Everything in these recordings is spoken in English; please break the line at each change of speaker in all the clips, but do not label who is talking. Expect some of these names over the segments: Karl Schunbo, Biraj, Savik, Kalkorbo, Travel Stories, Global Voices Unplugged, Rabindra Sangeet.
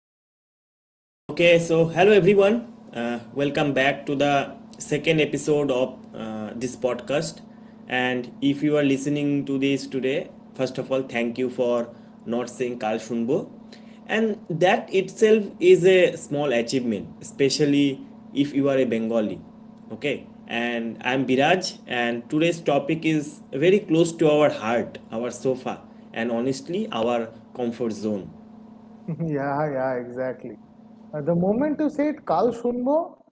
right. Okay. So, hello everyone. Welcome back to the second episode of this podcast. And if you are listening to this today, first of all, thank you for not saying Karl Schunbo. And that itself is a small achievement, especially if you are a Bengali. Okay. And I'm Biraj, and today's topic is very close to our heart, our sofa, and honestly, our comfort zone.
Yeah, yeah, exactly. The moment you said Kal Shunbo,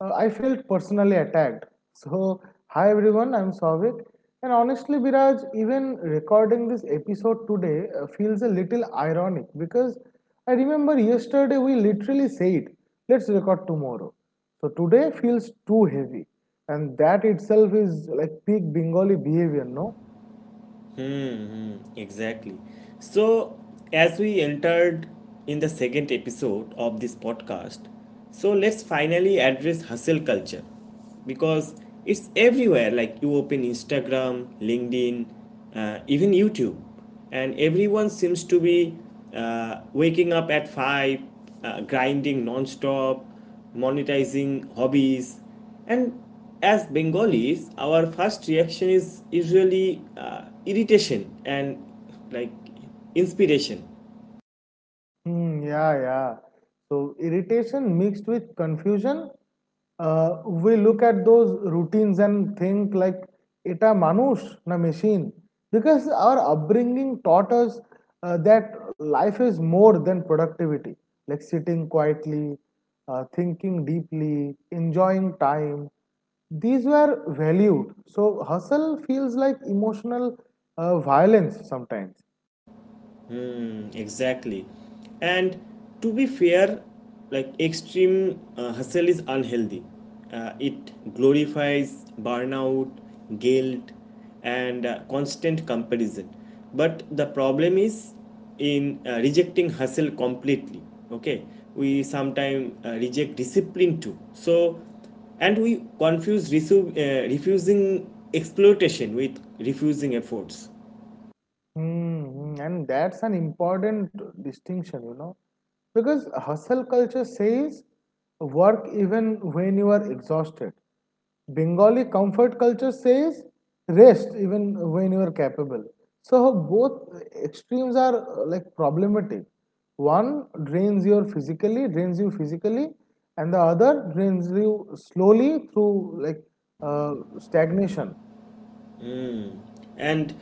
I felt personally attacked. So, hi everyone, I'm Savik. And honestly, Biraj, even recording this episode today feels a little ironic because I remember yesterday we literally said, let's record tomorrow. So, today feels too heavy. And that itself is like peak Bengali behavior, no?
Exactly. So, as we entered in the second episode of this podcast, so let's finally address hustle culture because it's everywhere, like you open Instagram, LinkedIn, even YouTube, and everyone seems to be waking up at 5, grinding non-stop, monetizing hobbies, and as Bengalis our first reaction is usually irritation and, like, inspiration.
Hmm, yeah, yeah. So irritation mixed with confusion, we look at those routines and think like it a manush, na machine, because our upbringing taught us that life is more than productivity, like sitting quietly, thinking deeply, enjoying time. These were valued. So hustle feels like emotional violence sometimes.
Mm, exactly. And to be fair, like extreme hustle is unhealthy. It glorifies burnout, guilt, and constant comparison. But the problem is in rejecting hustle completely. Okay, we sometimes reject discipline too. So, and we confuse refusing exploitation with refusing efforts.
Mm-hmm. And that's an important distinction, you know, because hustle culture says work even when you are exhausted. Bengali comfort culture says rest even when you are capable. So both extremes are like problematic. One drains you physically, and the other drains you slowly through uh, stagnation.
And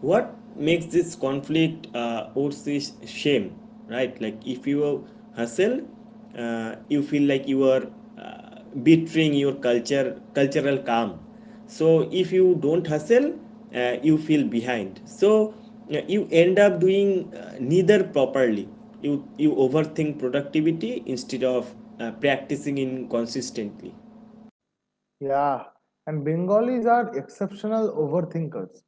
what makes this conflict worse is shame, right? Like if you hustle, you feel like you are betraying your culture, cultural calm. So if you don't hustle, you feel behind. So you end up doing neither properly. You overthink productivity instead of practicing in consistently.
Yeah, and Bengalis are exceptional overthinkers.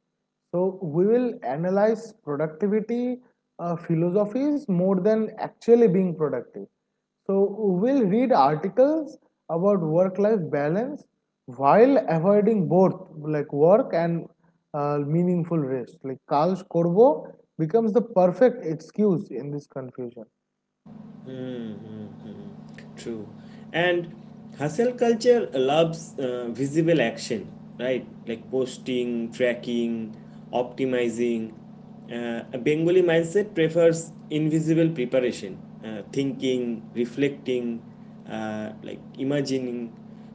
So we will analyze productivity philosophies more than actually being productive. So we'll read articles about work-life balance while avoiding both like work and meaningful rest. Like Carl korbo becomes the perfect excuse in this confusion.
True. And hustle culture loves visible action, right? Like posting, tracking, optimizing. A Bengali mindset prefers invisible preparation, thinking, reflecting, like imagining.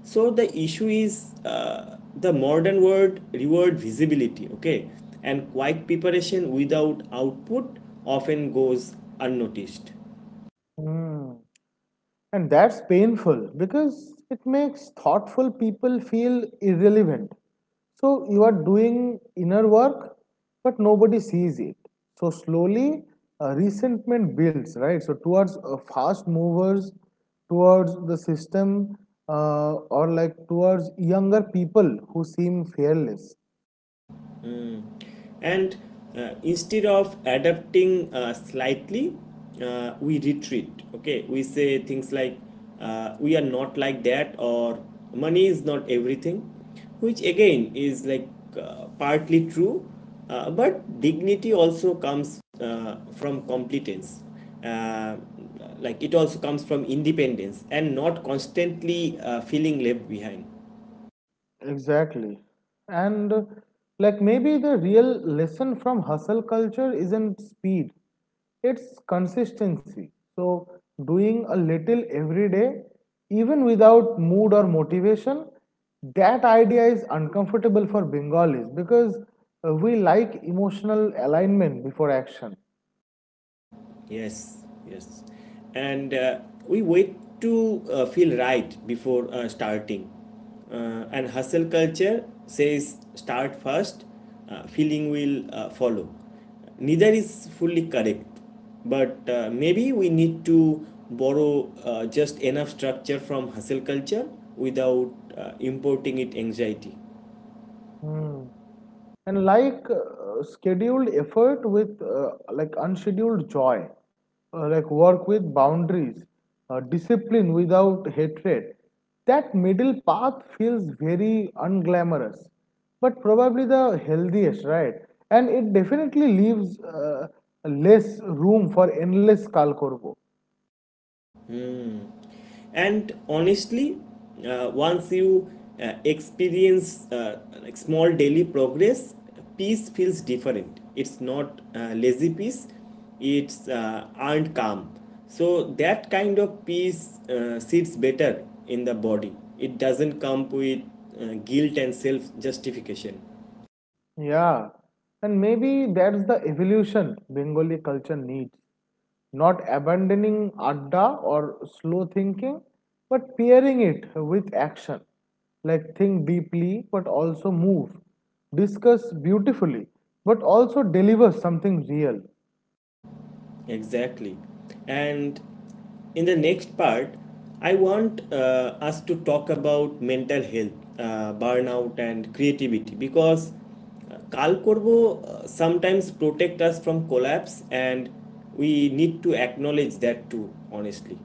So the issue is the modern world reward visibility. Okay, and quiet preparation without output often goes unnoticed.
Hmm. And that's painful because it makes thoughtful people feel irrelevant. So you are doing inner work, but nobody sees it. So slowly, resentment builds, right? So towards fast movers, towards the system, or like towards younger people who seem fearless.
And instead of adapting slightly, we retreat. Okay, we say things like, we are not like that, or money is not everything, which again is, like, partly true, but dignity also comes from competence. uh, like, it also comes from independence and not constantly feeling left behind.
Exactly. And like maybe the real lesson from hustle culture isn't speed, it's consistency. So, doing a little every day, even without mood or motivation, that idea is uncomfortable for Bengalis because we like emotional alignment before action.
Yes, yes. And we wait to feel right before starting. And hustle culture says start first, feeling will follow. Neither is fully correct, but maybe we need to borrow just enough structure from hustle culture without importing it anxiety.
Hmm. And like scheduled effort with like unscheduled joy, like work with boundaries, discipline without hatred. That middle path feels very unglamorous, but probably the healthiest, right? And it definitely leaves less room for endless kalkorbo.
And honestly, once you experience, like, small daily progress, peace feels different. It's not lazy peace, it's earned calm. So that kind of peace sits better in the body. It doesn't come with guilt and self justification.
Yeah, and maybe that's the evolution Bengali culture needs. Not abandoning adda or slow thinking, but pairing it with action. Like think deeply, but also move. Discuss beautifully, but also deliver something real.
Exactly. And in the next part, I want us to talk about mental health, burnout, and creativity because Kal sometimes protect us from collapse, and we need to acknowledge that too, honestly.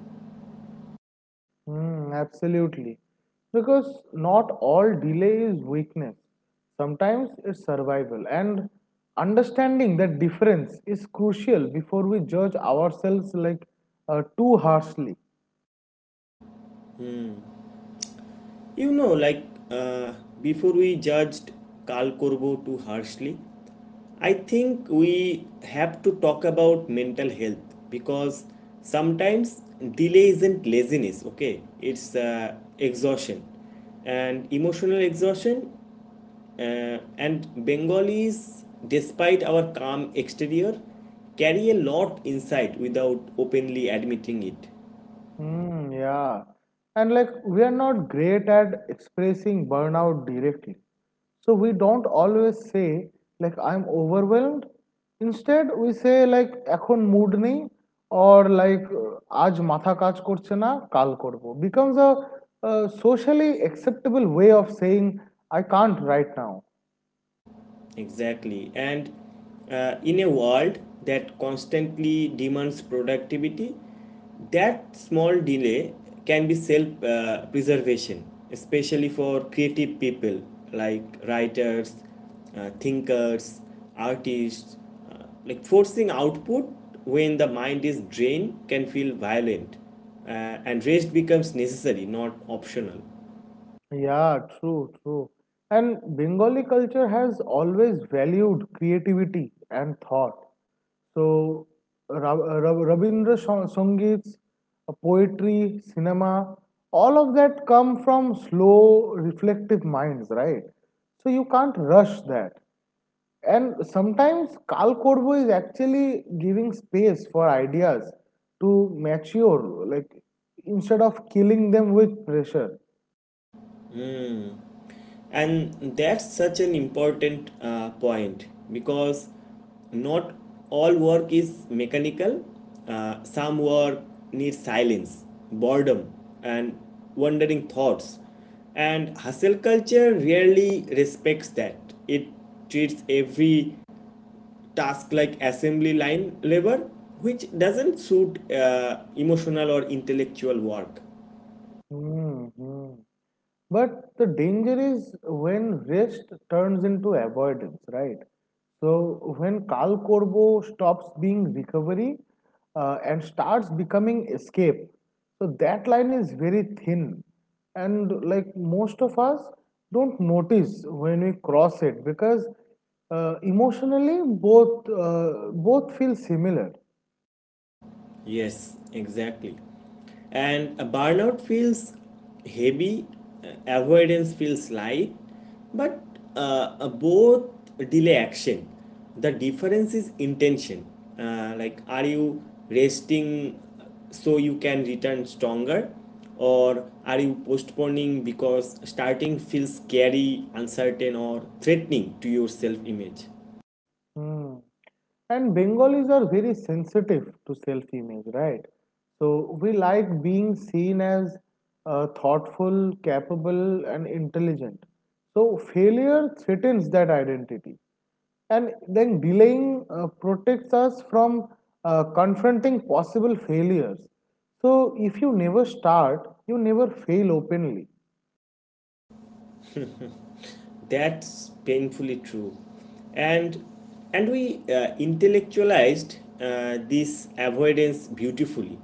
Hmm, absolutely. Because not all delay is weakness. Sometimes it's survival. And understanding that difference is crucial before we judge ourselves like too harshly.
You know, like, uh, before we judged Karl Korbo too harshly, I think we have to talk about mental health because sometimes delay isn't laziness, okay? It's exhaustion. And emotional exhaustion, and Bengalis, despite our calm exterior, carry a lot inside without openly admitting it.
Mm, yeah. And like we are not great at expressing burnout directly. So we don't always say like I'm overwhelmed. Instead we say like এখন mood নেই or like আজ মাথা কাজ করছে না কাল করব becomes a socially acceptable way of saying I can't right now.
Exactly. And in a world that constantly demands productivity, that small delay can be self preservation, especially for creative people like writers, thinkers, artists. Like, forcing output when the mind is drained can feel violent, uh, and rest becomes necessary, not optional.
Yeah, true, true. And Bengali culture has always valued creativity and thought. So, Rabindra Sangeet's poetry, cinema, all of that come from slow, reflective minds, right? So you can't rush that. And sometimes Kal Korbo is actually giving space for ideas to mature, like instead of killing them with pressure.
And that's such an important point because not all work is mechanical. Some work needs silence, boredom, and wandering thoughts. And hustle culture rarely respects that. It treats every task like assembly line labor, which doesn't suit emotional or intellectual work.
Hmm, hmm. But the danger is when rest turns into avoidance, right? So when Kal Korbo stops being recovery and starts becoming escape, so that line is very thin, and like most of us don't notice when we cross it because emotionally both feel similar.
Yes, exactly. And a burnout feels heavy, avoidance feels light, but uh, both delay action. The difference is intention. Like, are you resting so you can return stronger? Or are you postponing because starting feels scary, uncertain, or threatening to your self image?
Hmm. And Bengalis are very sensitive to self image, right? So we like being seen as thoughtful, capable, and intelligent. So failure threatens that identity. And then delaying protects us from confronting possible failures. So if you never start, you never fail openly.
That's painfully true. And and we intellectualized this avoidance beautifully.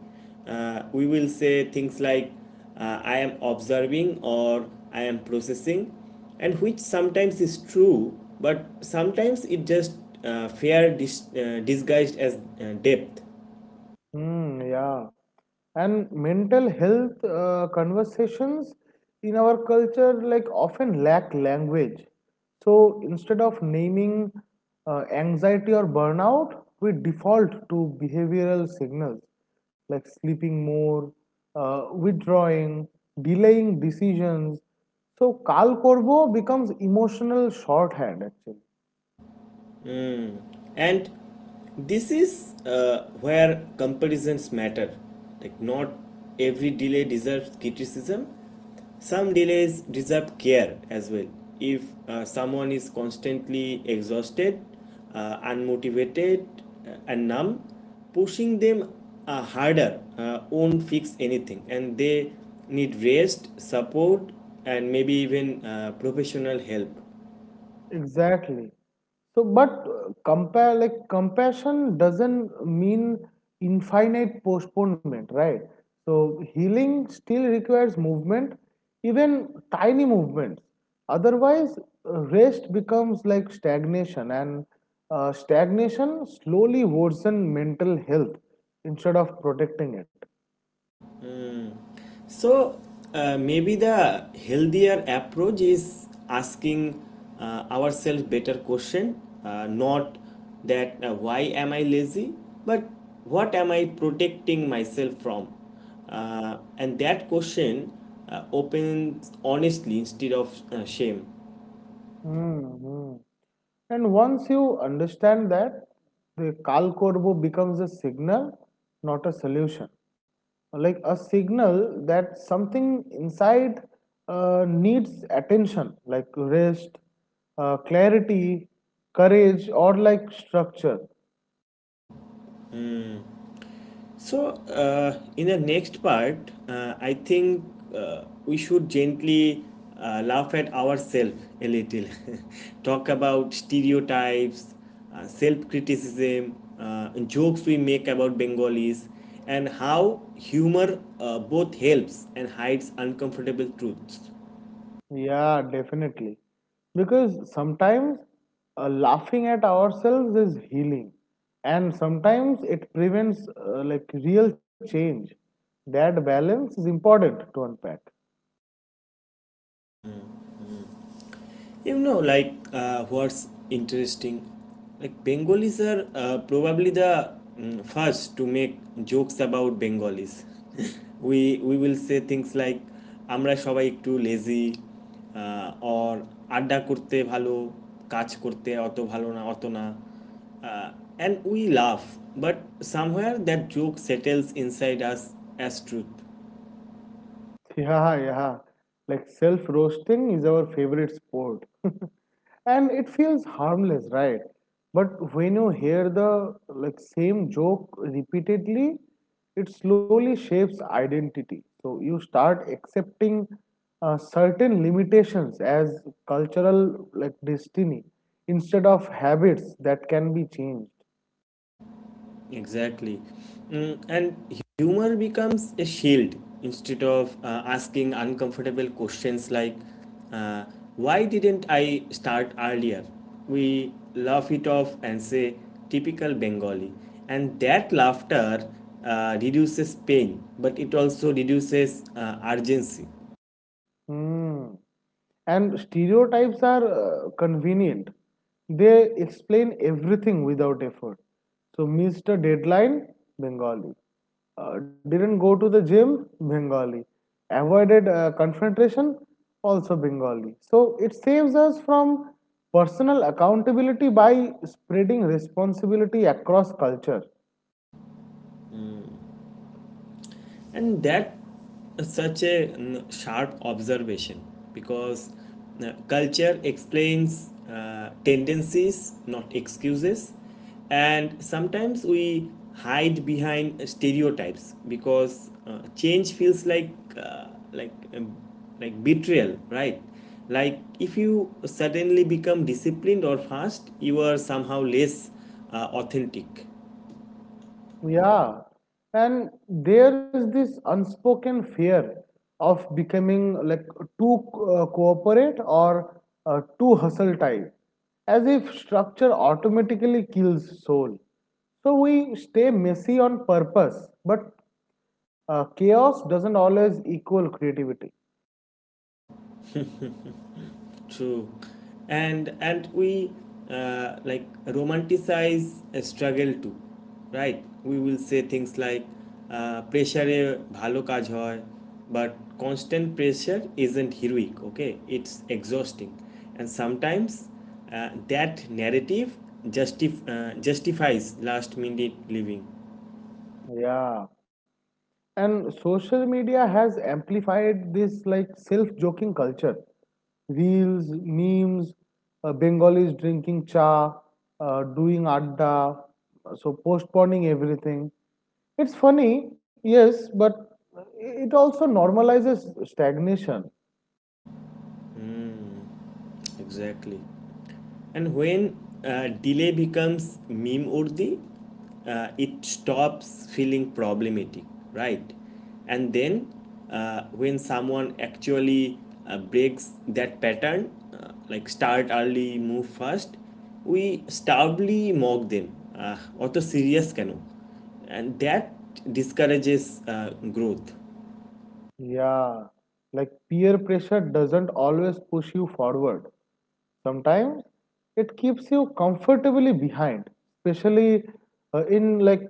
We will say things like, I am observing, or I am processing, and which sometimes is true, but sometimes it just disguised as depth.
Hmm, yeah. And mental health conversations in our culture like often lack language. So instead of naming anxiety or burnout, we default to behavioral signals like sleeping more, withdrawing, delaying decisions. So Kal Korbo becomes emotional shorthand actually.
And this is where comparisons matter. Like not every delay deserves criticism. Some delays deserve care as well. If someone is constantly exhausted, unmotivated, and numb, pushing them harder won't fix anything, and they need rest, support, and maybe even professional help.
Exactly. So, but compare like compassion doesn't mean infinite postponement, right? So, healing still requires movement, even tiny movements. Otherwise, rest becomes like stagnation, and stagnation slowly worsens mental health instead of protecting it.
So maybe the healthier approach is asking ourselves better question, not that why am I lazy, but what am I protecting myself from? And that question opens honestly instead of shame.
Mm-hmm. And once you understand that, the Kal Korbo becomes a signal, not a solution. Like a signal that something inside needs attention, like rest, clarity, courage, or like structure.
So, in the next part, I think we should gently laugh at ourselves a little, talk about stereotypes, self criticism, jokes we make about Bengalis, and how humor both helps and hides uncomfortable truths.
Yeah, definitely. Because sometimes laughing at ourselves is healing, and sometimes it prevents like real change. That balance is important to unpack.
You know, like, what's interesting? Like Bengalis are probably the first to make jokes about Bengalis. We will say things like আমরা সবাই একটু lazy or আড্ডা করতে ভালো কাজ করতে অত ভালো না অত না, uh, and we laugh, but somewhere that joke settles inside us as truth.
Yeah, yeah. Like self roasting is our favorite sport. And it feels harmless, right? But when you hear the like same joke repeatedly, it slowly shapes identity. So you start accepting certain limitations as cultural like destiny instead of habits that can be changed.
Exactly. Mm, and humor becomes a shield instead of asking uncomfortable questions like, uh, why didn't I start earlier? We laugh it off and say, typical Bengali. And that laughter reduces pain, but it also reduces urgency.
Hmm. And stereotypes are convenient. They explain everything without effort. So, Mr. deadline, Bengali. Didn't go to the gym, Bengali. Avoided confrontation, also Bengali. So, it saves us from personal accountability by spreading responsibility across culture.
And that such a sharp observation, because culture explains tendencies, not excuses. And sometimes we hide behind stereotypes because change feels like, uh, like um, like, betrayal, right? Like if you suddenly become disciplined or fast, you are somehow less authentic.
Yeah, and there is this unspoken fear of becoming like too cooperate or too hustle type, as if structure automatically kills soul. So we stay messy on purpose, but chaos doesn't always equal creativity.
True, and we like romanticize a struggle too, right? We will say things like, pressure এ ভালো কাজ হয়, but constant pressure isn't heroic. Okay, it's exhausting, and sometimes that narrative justifies last minute living.
Yeah. And social media has amplified this like self-joking culture. Reels, memes, Bengalis drinking cha, doing adda, so postponing everything. It's funny, yes, but it also normalizes stagnation.
Exactly. And when delay becomes meme urdi, it stops feeling problematic, right? And then when someone actually breaks that pattern, like start early, move fast, we stubbornly mock them. Uh, অত serious কেন, and that discourages uh, growth.
Yeah, like peer pressure doesn't always push you forward. Sometimes it keeps you comfortably behind, especially in like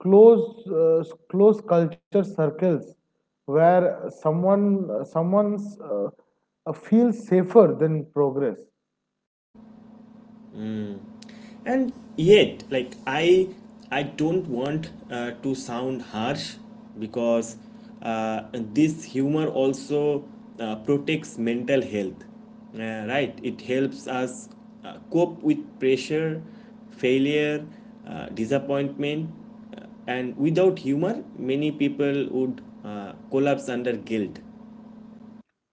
close uh, close culture circles where someone's feels safer than progress.
And yet, like, I don't want to sound harsh because this humor also protects mental health, right? It helps us cope with pressure, failure, disappointment, and without humor many people would collapse under guilt.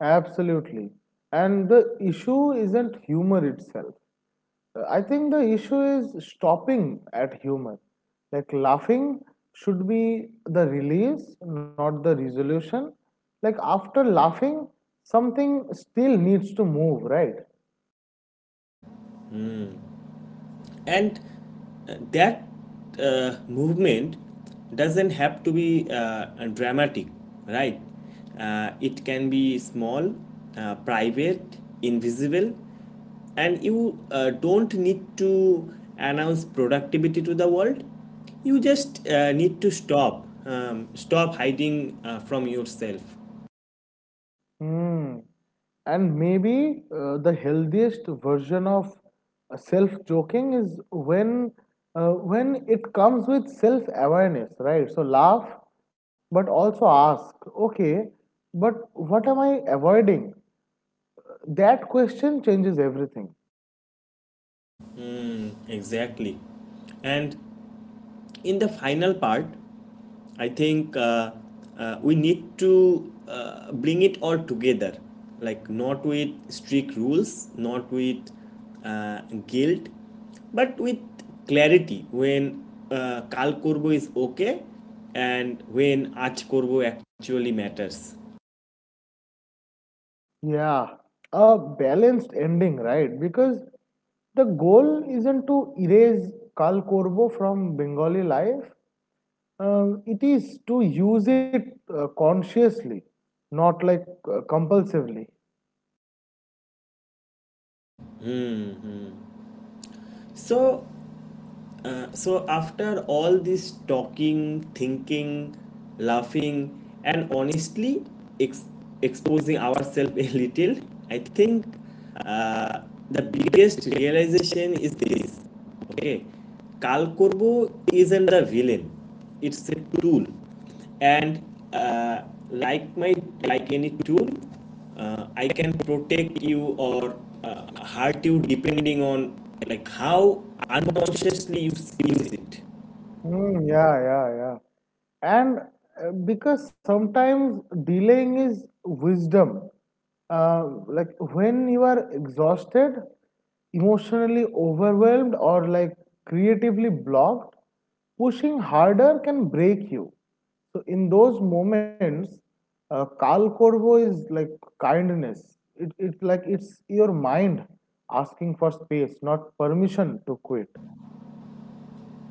Absolutely. And the issue isn't humor itself. I think the issue is stopping at humor. Like laughing should be the release, not the resolution. Like after laughing, something still needs to move, right?
And that movement doesn't have to be dramatic, right? It can be small, private, invisible. And you don't need to announce productivity to the world. You just need to stop, hiding from yourself.
Hmm. And maybe the healthiest version of self joking is when when it comes with self awareness, right? So laugh, but also ask, okay, but what am I avoiding? That question changes everything.
Exactly. And in the final part, I think we need to bring it all together, like not with strict rules, not with guilt, but with clarity when কাল করবো is okay, and when আজ করবো actually matters.
Yeah, a balanced ending, right? Because the goal isn't to erase Kal Korbo from Bengali life. It is to use it consciously, not like compulsively.
So so, after all this talking, thinking, laughing, and honestly ex- exposing ourselves a little, I think uh, the biggest realization is this. Okay, Kalkorbo isn't the villain; it's a tool, and uh, like my like any tool, I can protect you or uh, hurt you depending on, like, how unconsciously you use it.
Mm, yeah, yeah, yeah. And because sometimes delaying is wisdom. Like when you are exhausted, emotionally overwhelmed, or like creatively blocked, pushing harder can break you. So in those moments, kal korbo is like kindness. It's your mind asking for space, not permission to quit.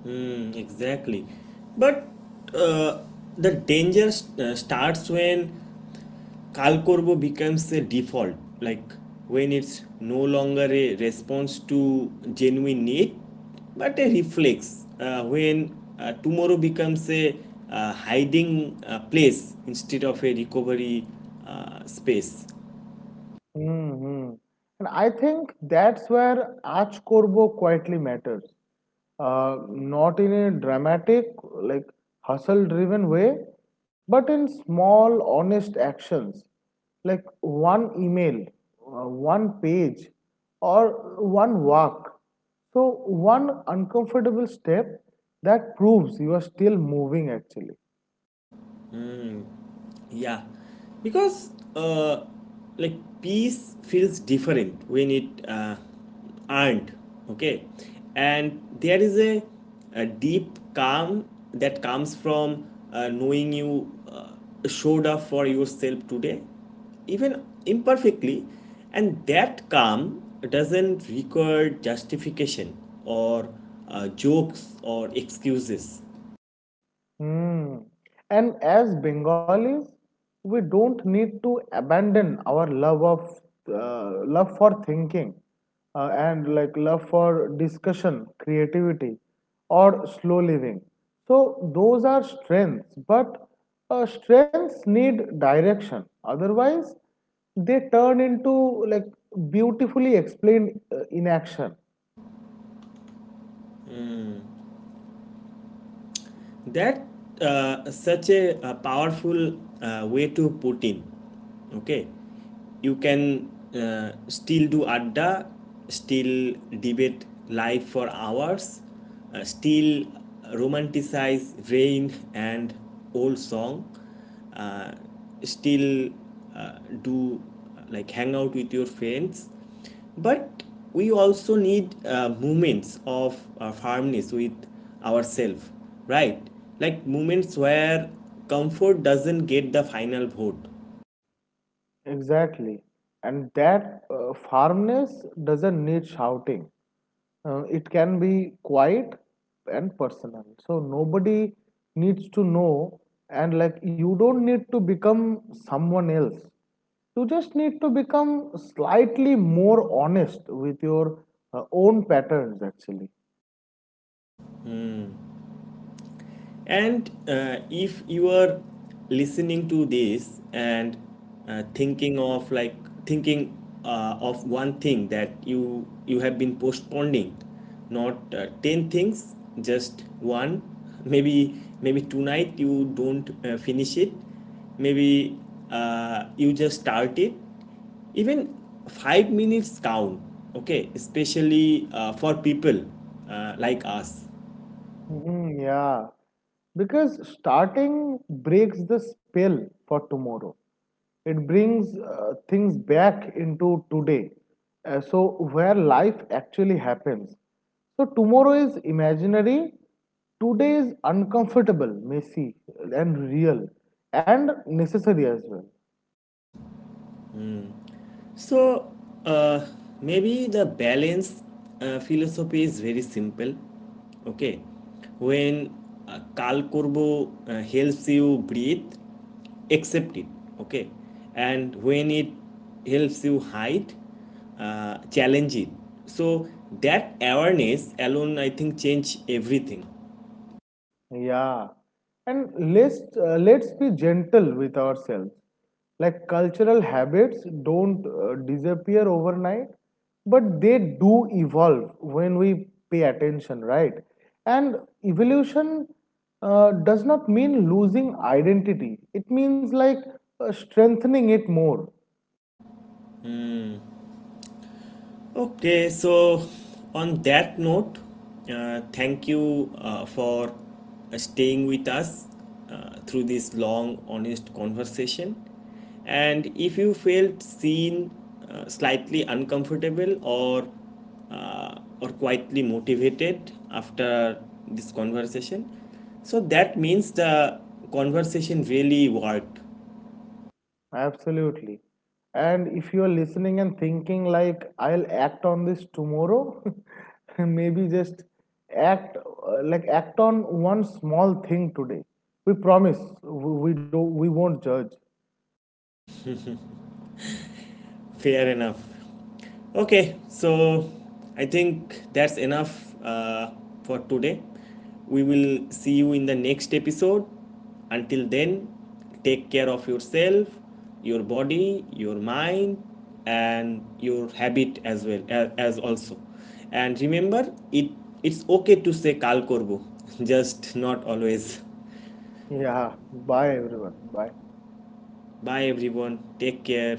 Mm, exactly. But uh, the danger starts when কাল করবো becomes a default, like when it's no longer a response to genuine need but a reflex. When tomorrow becomes a hiding place instead of a recovery space.
Hmm, hmm. And I think that's where Aaj Korbo quietly matters. Not in a dramatic, like hustle driven way, but in small, honest actions. Like one email, one page, or one walk. So, one uncomfortable step that proves you are still moving actually.
Yeah, because like, peace feels different when it earned. Okay, and there is a deep calm that comes from knowing you showed up for yourself today, even imperfectly. And that calm doesn't require justification or jokes or excuses.
Hmm. And as Bengalis, we don't need to abandon our love for thinking and like love for discussion, creativity, or slow living. So those are strengths, but strengths need direction. Otherwise, they turn into like beautifully explained inaction.
That such a powerful way to put in. Okay, you can still do adda, still debate life for hours, still romanticize rain and old song, uh, still do like hang out with your friends. But we also need moments of firmness with ourselves, right? Like, moments where comfort doesn't get the final vote.
Exactly. And that firmness doesn't need shouting. It can be quiet and personal. So nobody needs to know, and like you don't need to become someone else. You just need to become slightly more honest with your own patterns, actually.
And if you are listening to this and thinking of like thinking of one thing that you have been postponing, not 10 things, just one. Maybe tonight you don't finish it. Maybe you just start it. Even 5 minutes count. Okay, especially for people like us.
Mhm, yeah, because starting breaks the spell for tomorrow. It brings things back into today. So, where life actually happens. So, tomorrow is imaginary, today is uncomfortable, messy, and real, and necessary as well.
So uh, maybe the balance philosophy is very simple. Okay, when Kal Kurbo helps you breathe, accept it. Okay, and when it helps you hide, challenge it. So that awareness alone, I think, change everything.
Yeah, and let's be gentle with ourselves. Like cultural habits don't disappear overnight, but they do evolve when we pay attention, right? And evolution does not mean losing identity. It means like strengthening it more.
Okay, so on that note, thank you for staying with us through this long, honest conversation. And if you felt seen, slightly uncomfortable, or quietly motivated after this conversation, so that means the conversation really worked.
Absolutely. And if you are listening and thinking like I'll act on this tomorrow, maybe just act on one small thing today. We promise we won't judge.
Fair enough. Okay, so I think that's enough for today. We will see you in the next episode. Until then, take care of yourself, your body, your mind, and your habit as well as also. And remember, it's okay to say kal korbo, just not always.
Yeah. Bye everyone. Bye.
Bye everyone. Take care.